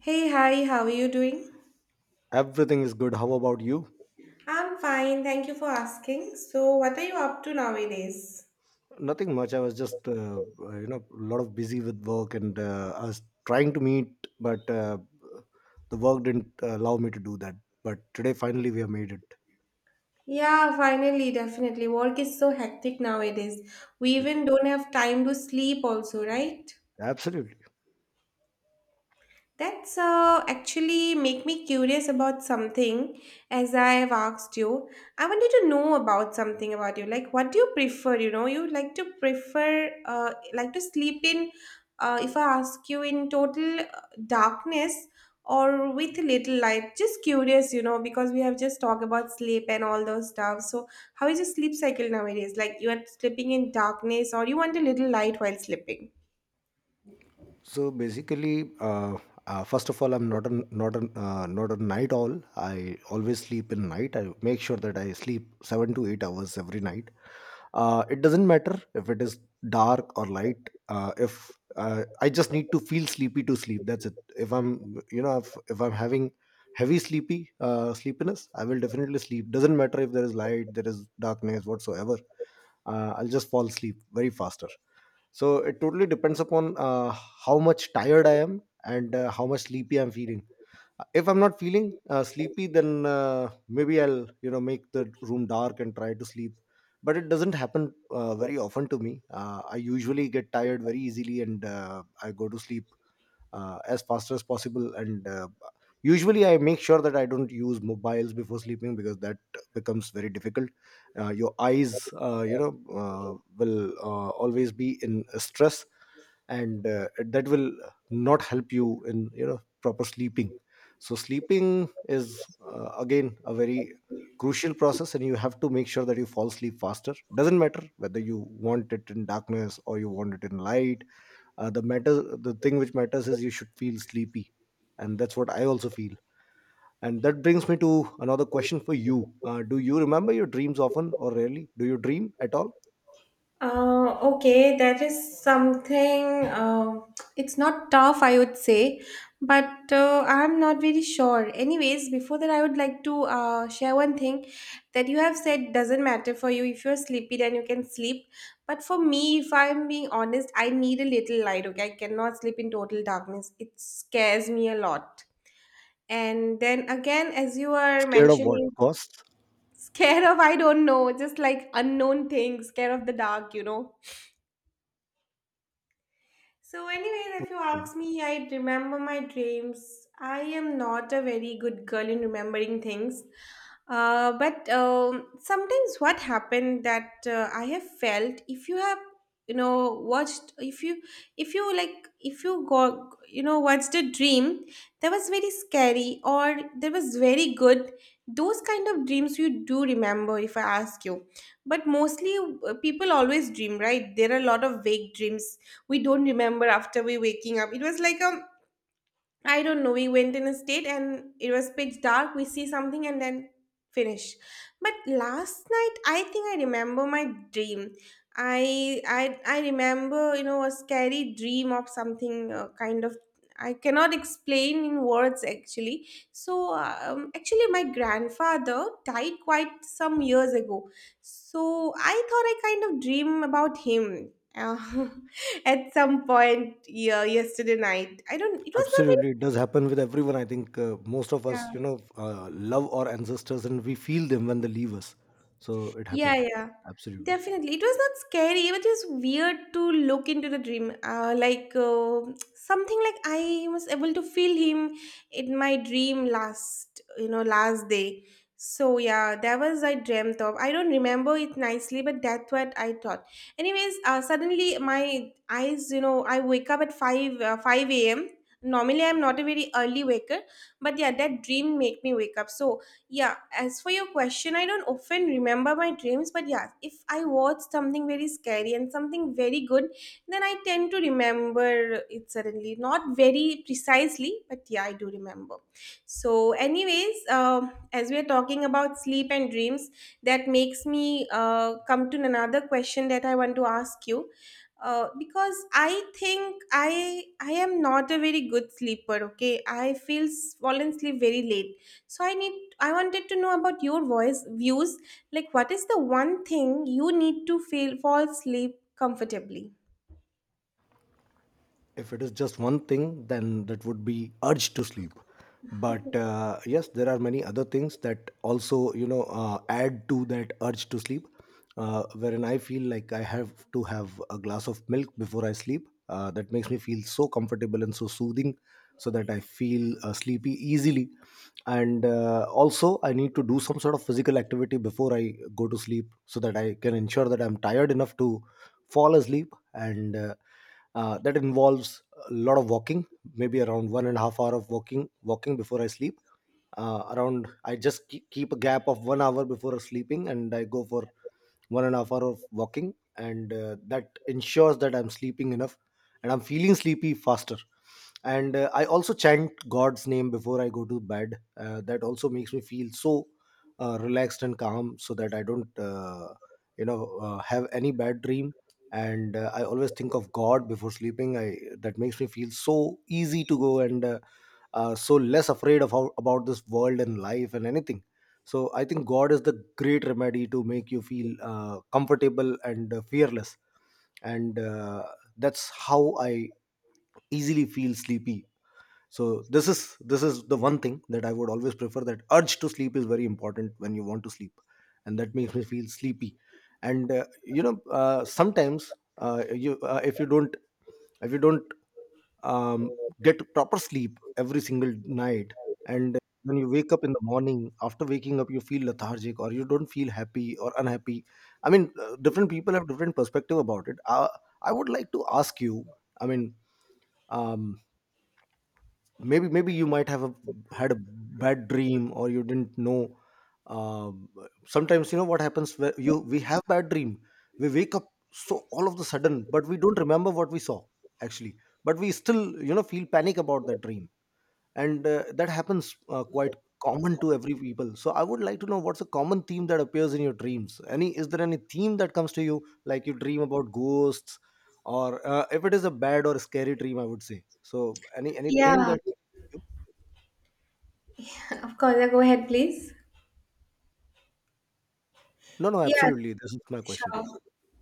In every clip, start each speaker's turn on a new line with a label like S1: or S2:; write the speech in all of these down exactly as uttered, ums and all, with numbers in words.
S1: Hey, hi, how are you doing?
S2: Everything is good. How about you?
S1: I'm fine, thank you for asking. So, what are you up to nowadays?
S2: Nothing much. I was just, uh, uh, you know, a lot of busy with work and uh, I was trying to meet, but uh, the work didn't uh, allow me to do that. But today, finally, we have made it.
S1: Yeah, finally, definitely. Work is so hectic nowadays. We even don't have time to sleep, also, right?
S2: Absolutely.
S1: That's uh, actually make me curious about something as I have asked you. I wanted to know about something about you. Like, what do you prefer? You know, you like to prefer, uh, like to sleep in, uh, if I ask you, in total uh, darkness or with little light. Just curious, you know, because we have just talked about sleep and all those stuff. So, how is your sleep cycle nowadays? Like, you are sleeping in darkness or you want a little light while sleeping?
S2: So basically, uh, uh, first of all, I'm not a not a uh, not a night owl. I always sleep in night. I make sure that I sleep seven to eight hours every night. Uh, it doesn't matter if it is dark or light uh, if uh, I just need to feel sleepy to sleep. That's it. If I'm you know if, if I'm having heavy sleepy uh, sleepiness, I will definitely sleep. Doesn't matter if there is light, there is darkness, whatsoever. uh, I'll just fall asleep very faster. So it totally depends upon uh, how much tired I am and uh, how much sleepy I'm feeling. If I'm not feeling uh, sleepy, then uh, maybe I'll you know make the room dark and try to sleep, but it doesn't happen uh, very often to me. uh, I usually get tired very easily and uh, I go to sleep uh, as fast as possible, and uh, usually I make sure that I don't use mobiles before sleeping, because that becomes very difficult. Uh, your eyes uh, you know uh, will uh, always be in stress, and uh, that will not help you in you know proper sleeping. So sleeping is uh, again a very crucial process, and you have to make sure that you fall asleep faster, doesn't matter whether you want it in darkness or you want it in light. Uh, the matter the thing which matters is you should feel sleepy, and that's what I also feel. And that brings me to another question for you. Uh, do you remember your dreams often, or rarely? Do you dream at all?
S1: Uh, okay, that is something. Uh, it's not tough, I would say, but uh, I'm not very sure. Anyways, before that, I would like to uh, share one thing that you have said doesn't matter for you. If you're sleepy, then you can sleep. But for me, if I'm being honest, I need a little light. Okay, I cannot sleep in total darkness. It scares me a lot. And then again, as you are
S2: Scared of what?
S1: mentioning,
S2: Costs?
S1: scared of, I don't know, just like unknown things, scared of the dark, you know. So, anyways, if you ask me, I remember my dreams. I am not a very good girl in remembering things. Uh, but um, Sometimes what happened that uh, I have felt, if you have you know watched, if you, if you like, if you go you know watched a dream that was very scary or that was very good, those kind of dreams you do remember if I ask you. But mostly, uh, people always dream, right? There are a lot of vague dreams we don't remember after we waking up. It was like a, I don't know. We went in a state and it was pitch dark. We see something and then finish. But last night, I think I remember my dream. I I I remember, you know, a scary dream of something uh, kind of, I cannot explain in words actually. So um, actually, my grandfather died quite some years ago. So I thought I kind of dream about him. Uh, at some point, yeah, yesterday night, I don't, it was not very.
S2: Absolutely, it does happen with everyone. I think uh, most of
S1: Yeah,
S2: us, you know, uh, love our ancestors, and we feel them when they leave us. So it
S1: yeah,
S2: happens.
S1: yeah.
S2: Absolutely.
S1: Definitely. It was not scary. It was just weird to look into the dream. Uh, like uh, something like I was able to feel him in my dream last, you know, last day. So yeah, that was I dreamt of. I don't remember it nicely, but that's what I thought. Anyways, uh, suddenly my eyes, you know, I wake up at five, uh, five a m. Normally, I'm not a very early waker, but yeah, that dream made me wake up. So yeah, as for your question, I don't often remember my dreams, but yeah, if I watch something very scary and something very good, then I tend to remember it suddenly, not very precisely, but yeah, I do remember. So anyways, um, as we are talking about sleep and dreams, that makes me uh, come to another question that I want to ask you. Uh, because I think I I am not a very good sleeper. Okay, I feel s- fall and sleep very late, so I need, I wanted to know about your voice views. Like, what is the one thing you need to feel fall asleep comfortably?
S2: If it is just one thing, then that would be urge to sleep. But uh, yes, there are many other things that also you know uh, add to that urge to sleep. Uh, wherein I feel like I have to have a glass of milk before I sleep. Uh, that makes me feel so comfortable and so soothing, so that I feel uh, sleepy easily. And uh, also, I need to do some sort of physical activity before I go to sleep, so that I can ensure that I'm tired enough to fall asleep. And. Uh, uh, that involves a lot of walking, maybe around one and a half hour of walking walking before I sleep. Uh, around, I just keep, keep a gap of one hour before sleeping, and I go for one and a half hour of walking, and uh, that ensures that I'm sleeping enough and I'm feeling sleepy faster. And uh, I also chant god's name before I go to bed. Uh, that also makes me feel so uh, relaxed and calm, so that I don't uh, you know uh, have any bad dream. And uh, I always think of god before sleeping. I, that makes me feel so easy to go, and uh, uh, so less afraid of how about this world and life and anything. So I think god is the great remedy to make you feel uh, comfortable and uh, fearless, and uh, that's how I easily feel sleepy. So this is this is the one thing that I would always prefer. That urge to sleep is very important when you want to sleep, and that makes me feel sleepy. And uh, you know uh, sometimes uh, you, uh, if you don't if you don't um, get proper sleep every single night, and when you wake up in the morning, after waking up, you feel lethargic, or you don't feel happy or unhappy. I mean uh, different people have different perspective about it. uh, I would like to ask you, I mean, um, maybe maybe you might have a, had a bad dream, or you didn't know. um, Sometimes you know what happens, where you we have bad dream, we wake up so all of the sudden, but we don't remember what we saw actually, but we still you know feel panic about that dream. And uh, that happens uh, quite common to every people. So I would like to know, what's a common theme that appears in your dreams? Any Is there any theme that comes to you, like you dream about ghosts, or uh, if it is a bad or scary dream, I would say, so any anything
S1: Yeah,
S2: that.
S1: of course. Yeah, go ahead, please.
S2: No, no,
S1: Yeah,
S2: absolutely. This is my question to
S1: sure.
S2: you.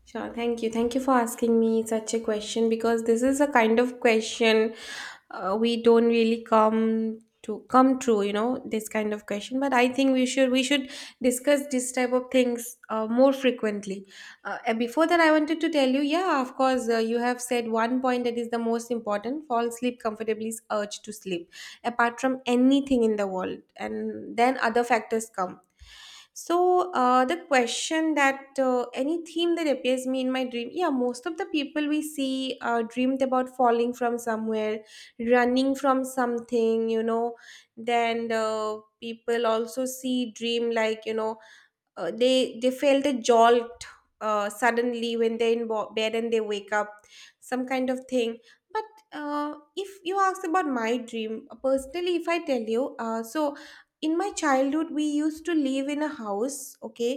S1: Sure. Thank you. Thank you for asking me such a question because this is a kind of question uh, we don't really come to come true, you know, this kind of question. But I think we should we should discuss this type of things uh, more frequently. Uh, and before that, I wanted to tell you, yeah, of course, uh, you have said one point that is the most important. Fall sleep comfortably is urge to sleep, apart from anything in the world, and then other factors come. So uh, the question that uh, any theme that appears me in my dream, yeah, most of the people we see uh, dreamed about falling from somewhere, running from something, you know. Then uh, people also see dream like, you know, uh, they they felt a jolt uh, suddenly when they're in bo- bed and they wake up, some kind of thing. But uh, if you ask about my dream, uh, personally, if I tell you, uh, so in my childhood we used to live in a house, okay.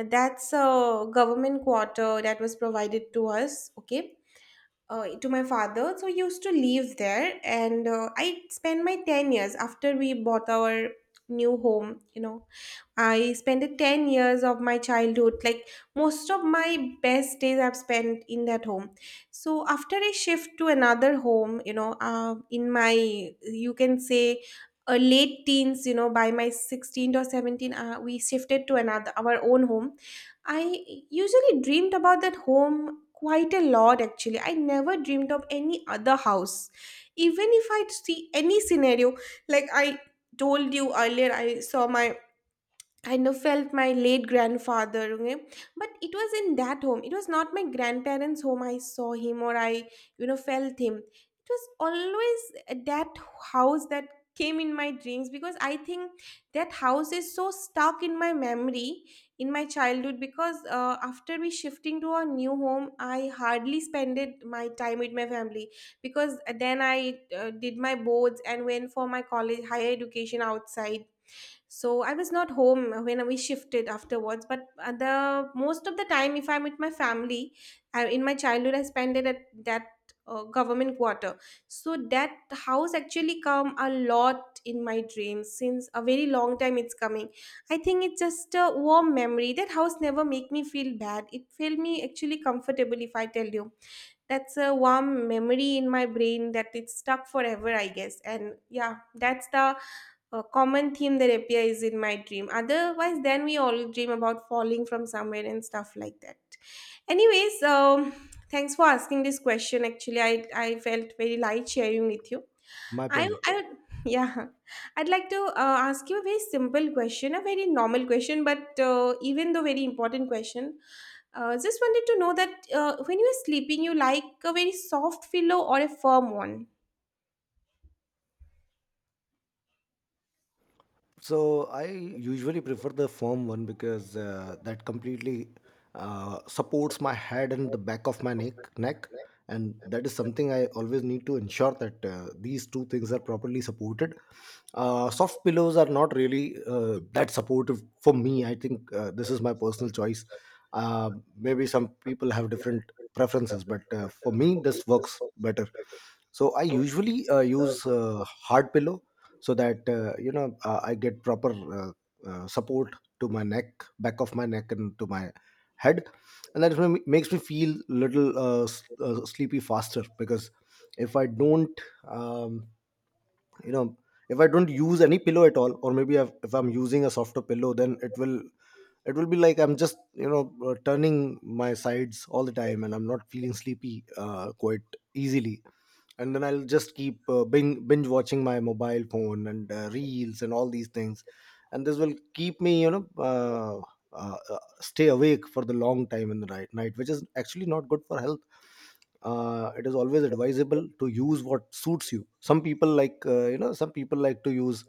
S1: And that's a government quarter that was provided to us, okay, uh, to my father. So I used to live there and uh, I spent my ten years after we bought our new home, you know. I spent the ten years of my childhood, like, most of my best days I've spent in that home. So after I shift to another home, you know, uh, in my, you can say, uh, late teens, you know, by my sixteenth or seventeen, uh, we shifted to another, our own home. I usually dreamed about that home quite a lot actually. I never dreamed of any other house. Even if I see any scenario, like I told you earlier, I saw my, kind of felt my late grandfather, okay? But it was in that home. It was not my grandparents home I saw him or I, you know, felt him. It was always that house that came in my dreams because I think that house is so stuck in my memory in my childhood. Because uh, after we shifting to our new home, I hardly spent my time with my family, because then I uh, did my boards and went for my college higher education outside. So I was not home when we shifted afterwards, but uh, the most of the time, if I'm with my family, I, in my childhood, I spent it at that uh, government quarter. So that house actually come a lot in my dreams since a very long time. It's coming. I think it's just a warm memory. That house never make me feel bad. It felt me actually comfortable. If I tell you, that's a warm memory in my brain that it's stuck forever, I guess. And yeah, that's the a common theme that appears in my dream. Otherwise, then we all dream about falling from somewhere and stuff like that. Anyways, um, thanks for asking this question. Actually, I, I felt very light sharing with you.
S2: My
S1: I,
S2: pleasure.
S1: I would- yeah, I'd like to uh, ask you a very simple question, a very normal question, but uh, even though very important question. Uh, just wanted to know that uh, when you are sleeping, you like a very soft pillow or a firm one?
S2: So I usually prefer the firm one, because uh, that completely uh, supports my head and the back of my neck, neck, and that is something I always need to ensure, that uh, these two things are properly supported. Uh, soft pillows are not really uh, that supportive for me. I think uh, this is my personal choice. Uh, Maybe some people have different preferences, but uh, for me, this works better. So I usually uh, use uh, hard pillow, so that uh, you know uh, I get proper uh, uh, support to my neck, back of my neck, and to my head, and that is when makes me feel little uh, s- uh, sleepy faster. Because if I don't, um, you know, if I don't use any pillow at all, or maybe I've, if I'm using a softer pillow, then it will it will be like I'm just you know uh, turning my sides all the time, and I'm not feeling sleepy uh, quite easily, and then I'll just keep uh, bing, binge watching my mobile phone and uh, reels and all these things, and this will keep me, you know, uh, uh, uh, stay awake for the long time in the night, night, which is actually not good for health. Uh, it is always advisable to use what suits you. Some people like, uh, you know, some people like to use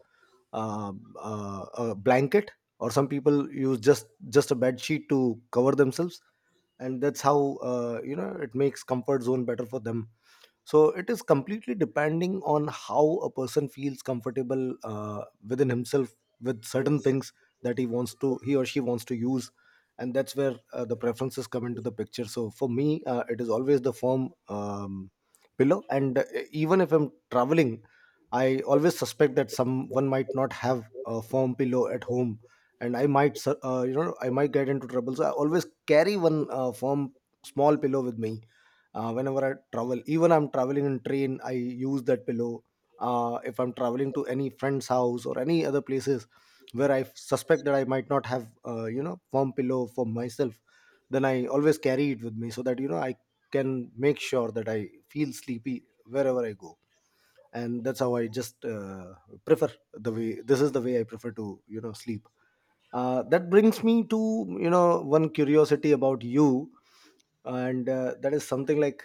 S2: uh, uh, a blanket, or some people use just just a bed sheet to cover themselves, and that's how uh, you know it makes comfort zone better for them. So it is completely depending on how a person feels comfortable uh, within himself, with certain things that he wants to he or she wants to use. And that's where uh, the preferences come into the picture. So for me, uh, it is always the firm um, pillow. And uh, even if I'm traveling, I always suspect that someone might not have a firm pillow at home, and I might su- uh, you know I might get into trouble. So I always carry one uh, firm small pillow with me uh, whenever I travel. Even I'm traveling in train, I use that pillow. Uh, if I'm traveling to any friend's house or any other places, where I suspect that I might not have uh, you know firm pillow for myself, then I always carry it with me, so that you know I can make sure that I feel sleepy wherever I go. And that's how I just uh, prefer the way. This is the way I prefer to you know sleep. Uh, that brings me to you know one curiosity about you. And uh, that is something like,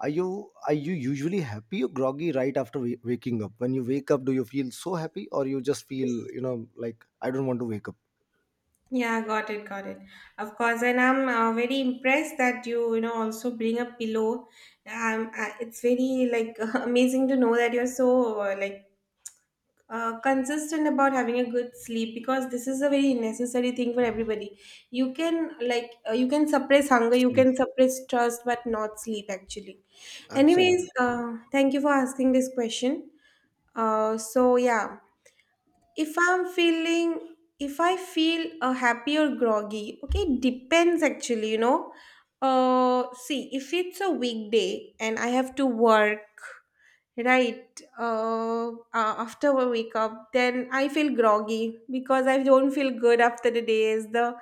S2: are you are you usually happy or groggy right after wa- waking up? When you wake up, do you feel so happy, or you just feel, you know, like I don't want to wake up?
S1: Yeah, got it, got it. Of course, and I'm uh, very impressed that you, you know, also bring a pillow. Um, uh, it's very like amazing to know that you're so uh, like uh, consistent about having a good sleep because this is a very necessary thing for everybody. You can like, uh, you can suppress hunger, you can
S2: Absolutely.
S1: suppress thirst, but not sleep actually. Anyways,
S2: Absolutely.
S1: uh, thank you for asking this question. Uh, so yeah, if I'm feeling, if I feel a happy or groggy, okay, it depends actually, you know. Uh see, if it's a weekday and I have to work, right, uh, uh after I wake up, then I feel groggy because I don't feel good after the day is the,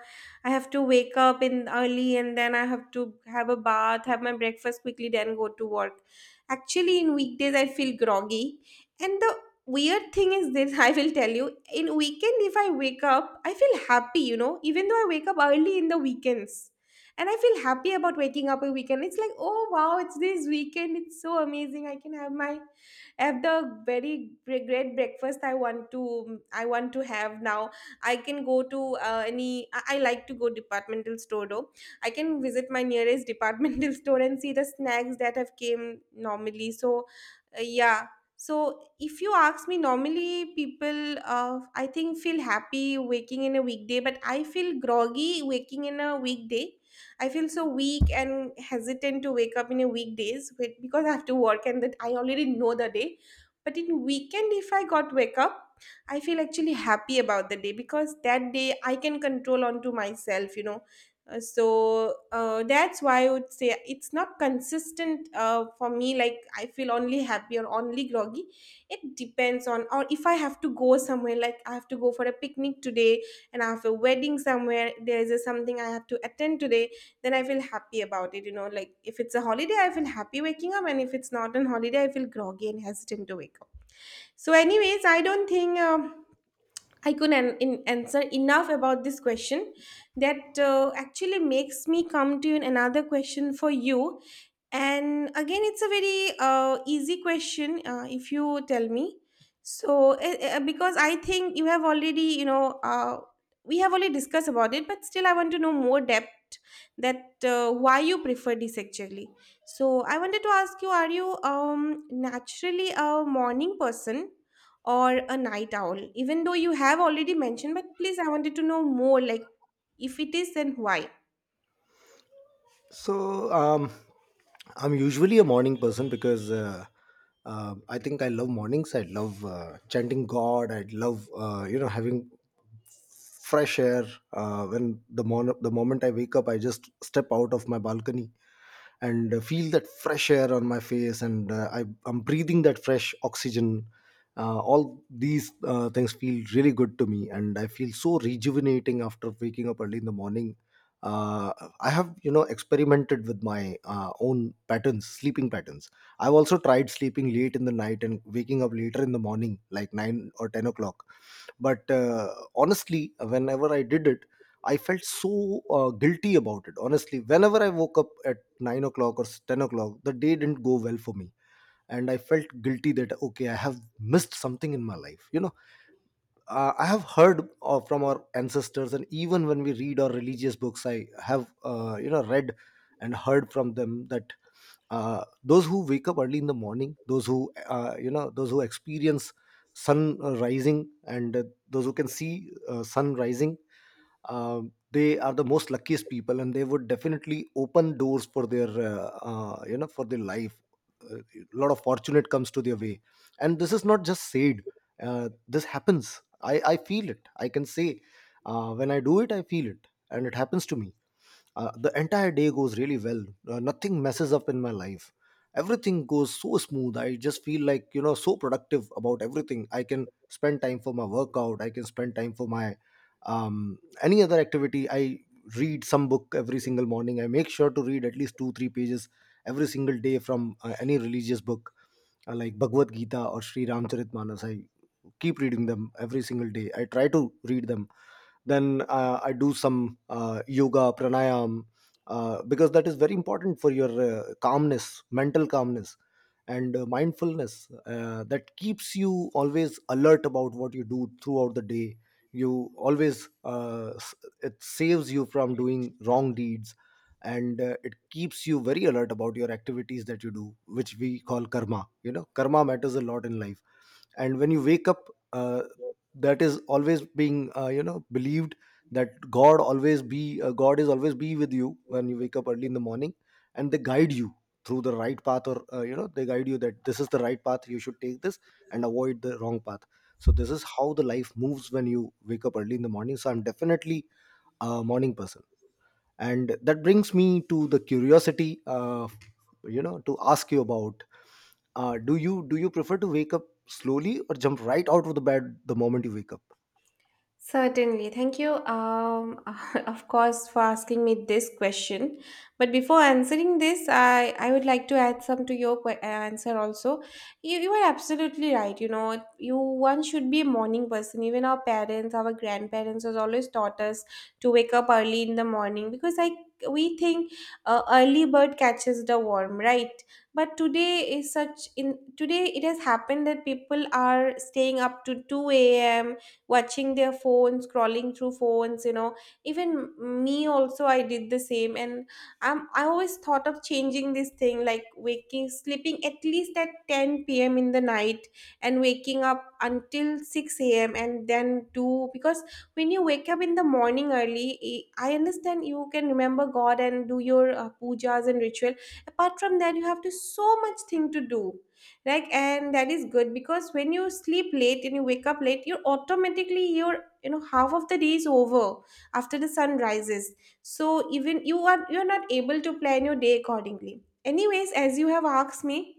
S1: I have to wake up in early and then I have to have a bath, have my breakfast quickly, then go to work. Actually, in weekdays I feel groggy. And the weird thing is this, I will tell you, in weekend if I wake up, I feel happy, you know, even though I wake up early in the weekends. And I feel happy about waking up a weekend. It's like, oh wow, it's this weekend, it's so amazing, I can have my, have the very gre- great breakfast I want to, i want to have now. I can go to uh, any I I like to go departmental store though. I can visit my nearest departmental store and see the snacks that have came normally. So uh, yeah, so, if you ask me, normally people, uh, I think, feel happy waking in a weekday, but I feel groggy waking in a weekday. I feel so weak and hesitant to wake up in a weekdays with- because I have to work and that I already know the day. But in weekend, if I got wake up, I feel actually happy about the day because that day I can control onto myself, you know. Uh, so uh, that's why I would say it's not consistent uh, for me. Like I feel only happy or only groggy. It depends on, or if I have to go somewhere, like I have to go for a picnic today and I have a wedding somewhere, there is a, something I have to attend today, then I feel happy about it. You know, like if it's a holiday, I feel happy waking up, and if it's not on holiday, I feel groggy and hesitant to wake up. So, anyways, I don't think. Um, I couldn't in, answer enough about this question that uh, actually makes me come to another question for you. And again, it's a very uh, easy question uh, if you tell me. So, uh, uh, because I think you have already, you know, uh, we have already discussed about it, but still, I want to know more depth that uh, why you prefer this actually. So, I wanted to ask you: Are you um, naturally a morning person? Or a night owl? Even though you have already mentioned, but please, I wanted to know more, like if it is, then why?
S2: So um I'm usually a morning person, because uh, uh, I think I love mornings. I love uh, chanting god. I love uh, you know having fresh air. Uh, when the mon- the moment I wake up, I just step out of my balcony and uh, feel that fresh air on my face, and uh, I, I'm breathing that fresh oxygen. Uh, all these uh, things feel really good to me, and I feel so rejuvenating after waking up early in the morning. uh, I have you know experimented with my uh, own patterns, sleeping patterns. I've also tried sleeping late in the night and waking up later in the morning, like nine or ten o'clock. But uh, honestly, whenever I did it, I felt so uh, guilty about it. Honestly, whenever I woke up at nine o'clock or ten o'clock, the day didn't go well for me, and I felt guilty that okay, I have missed something in my life. You know, uh, I have heard uh, from our ancestors, and even when we read our religious books, I have uh, you know read and heard from them that uh, those who wake up early in the morning, those who uh, you know, those who experience sun uh, rising, and uh, those who can see uh, sun rising. Um, they are the most luckiest people, and they would definitely open doors for their uh, uh, you know for their life. A lot of fortunate comes to their way, and this is not just said. Uh, this happens. I i feel it, I can say. Uh, when I do it, I feel it and it happens to me. Uh, the entire day goes really well. Uh, nothing messes up in my life. Everything goes so smooth. I just feel like you know so productive about everything. I can spend time for my workout, I can spend time for my um, any other activity. I read some book every single morning. I make sure to read at least two three pages every single day from uh, any religious book, uh, like Bhagavad Gita or Sri Ramcharitmanas. I keep reading them every single day. I try to read them. Then uh, I do some uh, yoga pranayam, uh, because that is very important for your uh, calmness, mental calmness and uh, mindfulness. Uh, that keeps you always alert about what you do throughout the day. You always uh, s- it saves you from doing wrong deeds, and uh, it keeps you very alert about your activities that you do, which we call karma. You know, karma matters a lot in life. And when you wake up, uh, that is always being uh, you know believed that god always be uh, god is always be with you when you wake up early in the morning, and they guide you through the right path, or uh, you know they guide you that this is the right path, you should take this and avoid the wrong path. So this is how the life moves when you wake up early in the morning. So I'm definitely a morning person, and that brings me to the curiosity, uh, you know to ask you about, uh, do you do you prefer to wake up slowly or jump right out of the bed the moment you wake up?
S1: Certainly. Thank you, um, of course, for asking me this question. But before answering this, I, I would like to add some to your que- uh, answer also. You, you are absolutely right. You know, you one should be a morning person. Even our parents, our grandparents has always taught us to wake up early in the morning because I we think uh, early bird catches the worm, right? But today is such in today it has happened that people are staying up to two a.m watching their phones scrolling through phones, you know. Even me also, I did the same. And i'm I always thought of changing this thing, like waking sleeping at least at ten p.m in the night and waking up until six a.m and then do, because when you wake up in the morning early, i I understand you can remember god and do your uh, pujas and ritual. Apart from that, you have to so much thing to do, like, and that is good because when you sleep late and you wake up late, you're automatically your you know half of the day is over after the sun rises. So even you are you're not able to plan your day accordingly. Anyways, as you have asked me,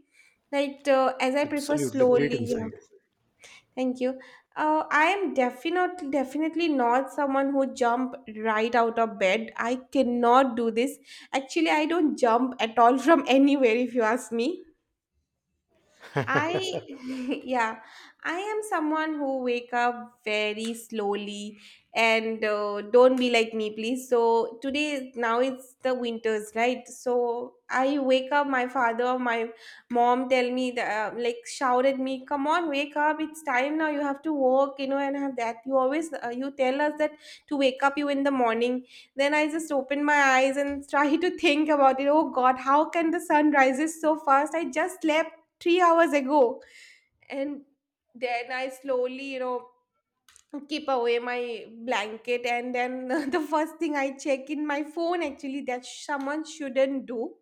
S1: like uh, as I prefer
S2: Absolutely great
S1: slowly, yeah.
S2: insight.
S1: Thank you. Uh, I am definitely definitely not someone who jump right out of bed. I cannot do this. Actually, I don't jump at all from anywhere if you ask me. I yeah, I am someone who wake up very slowly and uh, don't be like me, please. So today now it's the winters, right? So I wake up. My father, my mom tell me that uh, like shout at me, come on, wake up! It's time now. You have to work, you know, and have that. You always uh, you tell us that to wake up you in the morning. Then I just open my eyes and try to think about it. Oh God, how can the sun rises so fast? I just slept three hours ago. And then I slowly, you know, keep away my blanket. And then the first thing I check in my phone actually that someone shouldn't do,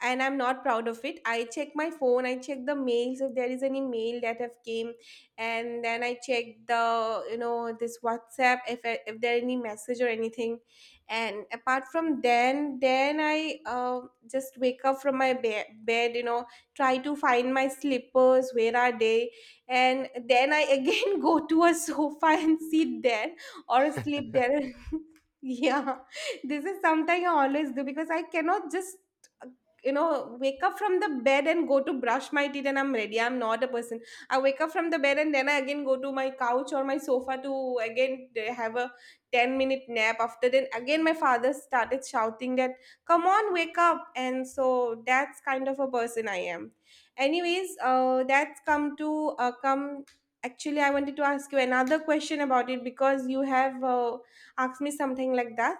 S1: and I'm not proud of it. I check my phone, I check the mails if there is any mail that have came, and then I check the, you know, this WhatsApp if, I- if there any message or anything. And apart from then then I uh, just wake up from my be- bed, you know, try to find my slippers, where are they. And then I again go to a sofa and sit there, or sleep there. Yeah, this is something I always do because I cannot just, you know, wake up from the bed and go to brush my teeth and I'm ready. I'm not a person, I wake up from the bed and then I again go to my couch or my sofa to again uh, have a ten minute nap. After then again my father started shouting that come on wake up. And so that's kind of a person I am. Anyways, uh, that's come to uh, come, actually I wanted to ask you another question about it because you have uh, asked me something like that.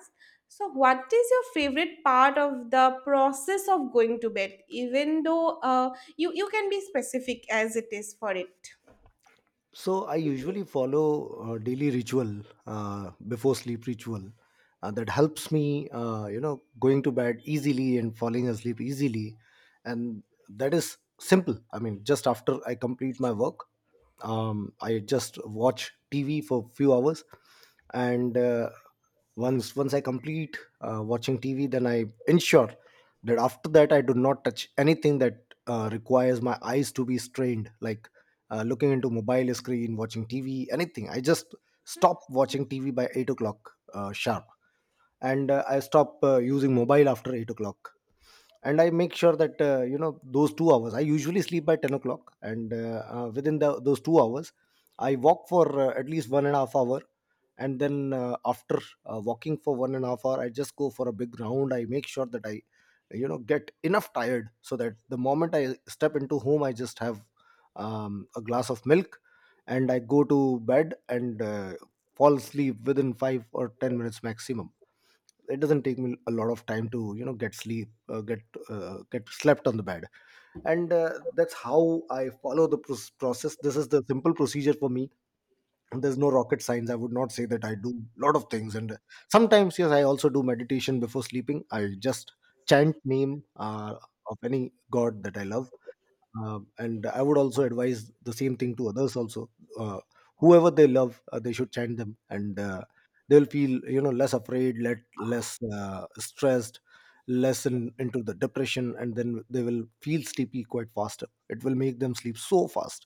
S1: So, what is your favorite part of the process of going to bed? Even though uh, you you can be specific as it is for it.
S2: So I usually follow uh, daily ritual, uh, before sleep ritual, uh, that helps me, uh, you know, going to bed easily and falling asleep easily, and that is simple. I mean, just after I complete my work, um, I just watch T V for few hours, and uh, once once I complete uh, watching T V, then I ensure that after that I do not touch anything that uh, requires my eyes to be strained, like uh, looking into mobile screen, watching T V, anything. I just stop watching T V by eight o'clock uh, sharp, and uh, I stop uh, using mobile after eight o'clock. And I make sure that uh, you know those two hours, I usually sleep by ten o'clock, and uh, uh, within the, those two hours, I walk for uh, at least one and a half hour, and then uh, after uh, walking for one and a half hour, I just go for a big round. I make sure that I, you know, get enough tired, so that the moment I step into home, I just have um, a glass of milk and I go to bed and uh, fall asleep within five or ten minutes maximum. It doesn't take me a lot of time to, you know, get sleep, uh, get uh, get slept on the bed. And uh, that's how I follow the pros- process. This is the simple procedure for me, and there's no rocket science. I would not say that I do a lot of things. And uh, sometimes, yes, I also do meditation before sleeping. I just chant name uh, of any god that I love, uh, and I would also advise the same thing to others also, uh, whoever they love, uh, they should chant them, and uh, they'll feel, you know, less afraid, let less uh, stressed, less in, into the depression, and then they will feel sleepy quite faster. It will make them sleep so fast,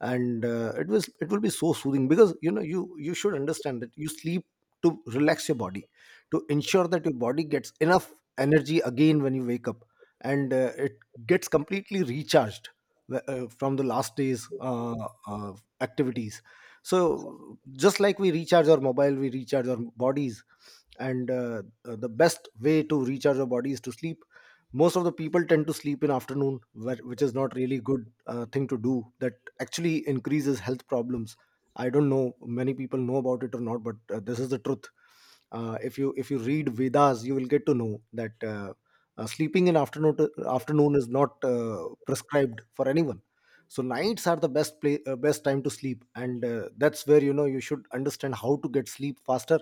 S2: and uh, it was it will be so soothing. Because, you know, you you should understand that you sleep to relax your body, to ensure that your body gets enough energy again when you wake up, and uh, it gets completely recharged wh- uh, from the last day's uh, uh, activities. So just like we recharge our mobile, we recharge our bodies. And uh, uh, the best way to recharge our body is to sleep. Most of the people tend to sleep in afternoon, wh- which is not really good uh, thing to do. That actually increases health problems. I don't know many people know about it or not, but uh, this is the truth. Uh, if you if you read Vedas, you will get to know that uh, uh, sleeping in afternoon afternoon is not uh, prescribed for anyone. So nights are the best play, uh, best time to sleep, and uh, that's where, you know, you should understand how to get sleep faster.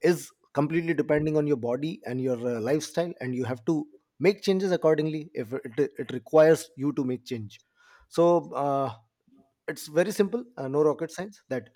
S2: Is completely depending on your body and your uh, lifestyle, and you have to make changes accordingly if it, it requires you to make change. So. Uh, it's very simple, uh, no rocket science. That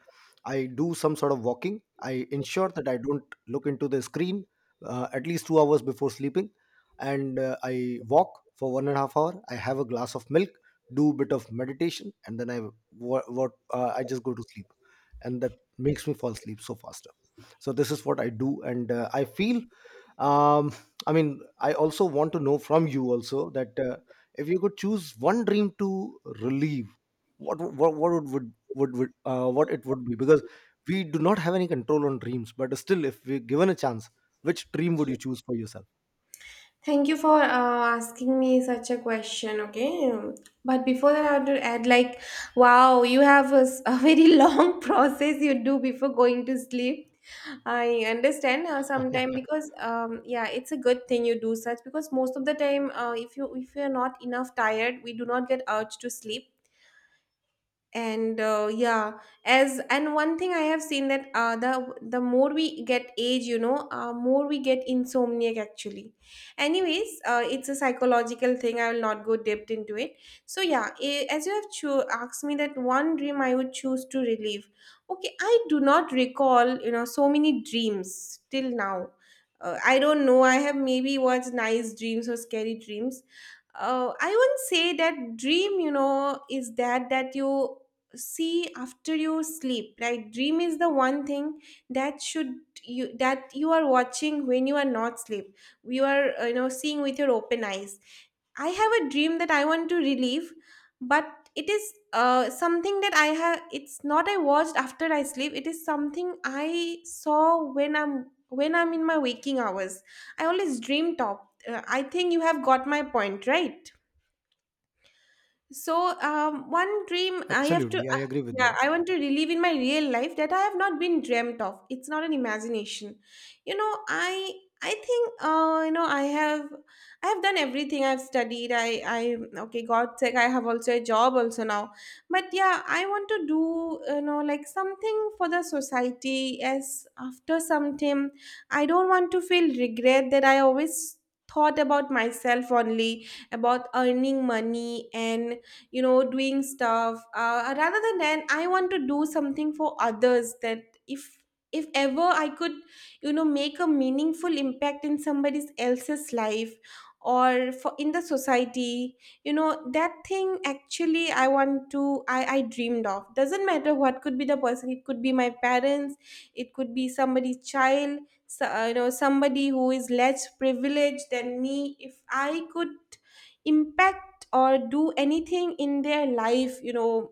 S2: I do some sort of walking, I ensure that I don't look into the screen uh, at least two hours before sleeping, and uh, I walk for one and a half hour, I have a glass of milk, do a bit of meditation, and then I what, what uh, I just go to sleep, and that makes me fall asleep so faster. So this is what I do, and uh, I feel um I mean, I also want to know from you also, that uh, if you could choose one dream to relieve, what what what would would, would, would uh, what it would be. Because we do not have any control on dreams, but still, if we're given a chance, which dream would you choose for yourself?
S1: Thank you for uh, asking me such a question, okay? But before that, I have to add, like, wow, you have a, s- a very long process you do before going to sleep. I understand uh, sometimes because, um, yeah, it's a good thing you do such because most of the time, uh, if you if you are not enough tired, we do not get urge to sleep. And uh, yeah, as and one thing I have seen that uh, the the more we get age, you know, uh, more we get insomniac actually. Anyways, uh, it's a psychological thing, I will not go deep into it. So yeah, a- as you have cho- asked me that one dream I would choose to relive, okay, I do not recall, you know, so many dreams till now. Uh, I don't know, I have maybe watched nice dreams or scary dreams. Uh, I wouldn't say that dream, you know, is that that you see after you sleep, right? Dream is the one thing that should you that you are watching when you are not sleep. You are uh, you know seeing with your open eyes. I have a dream that I want to relieve, but it is uh, something that I have. It's not I watched after I sleep. It is something I saw when I'm when I'm in my waking hours. I always dream top. Uh, I think you have got my point, right? So, um, one dream I have to,
S2: Absolutely, I
S1: uh,
S2: agree with
S1: yeah,
S2: you.
S1: I want to relive in my real life that I have not been dreamt of. It's not an imagination. You know, I, I think, uh, you know, I have, I have done everything. I've studied. I, I, okay, God's sake, I have also a job also now. But yeah, I want to do, you know, like something for the society. As after some time, I don't want to feel regret that I always thought about myself only, about earning money and you know doing stuff, uh, rather than that I want to do something for others, that if if ever I could, you know, make a meaningful impact in somebody else's life or for in the society, you know, that thing actually I want to, i i dreamed of. Doesn't matter what could be the person, it could be my parents, it could be somebody's child. So, uh, you know, somebody who is less privileged than me, if I could impact or do anything in their life, you know,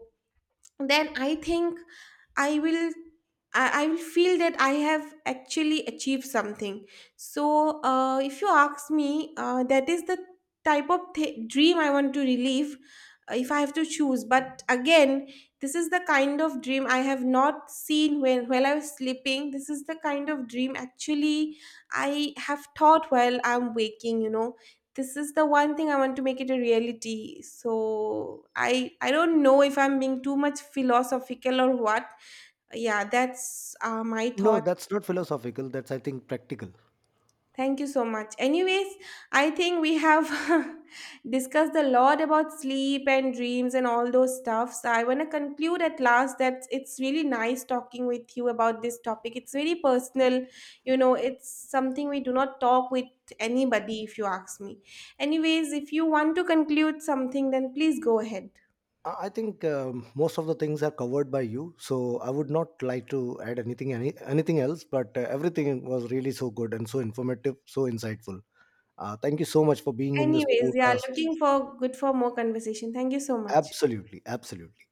S1: then I think I will, I, I will feel that I have actually achieved something. So, uh, if you ask me, uh, that is the type of th- dream I want to relive uh, if I have to choose. But again, this is the kind of dream I have not seen when while I was sleeping. This is the kind of dream actually I have thought while I'm waking. You know, this is the one thing I want to make it a reality. So i i don't know if I'm being too much philosophical or what. Yeah, that's uh, my
S2: No,
S1: thoughts.
S2: that's not philosophical, that's, I think, practical.
S1: Thank you so much. Anyways, I think we have discussed a lot about sleep and dreams and all those stuff. So I want to conclude at last that it's really nice talking with you about this topic. It's very personal, you know, it's something we do not talk with anybody, if you ask me. Anyways, if you want to conclude something, then please go ahead.
S2: I I think, um, most of the things are covered by you, so I would not like to add anything, any, anything else. But uh, everything was really so good and so informative, so insightful. Uh, thank you so much for being in this
S1: Anyways, yeah,
S2: podcast.
S1: looking for good for more conversation. Thank you so much.
S2: Absolutely, absolutely.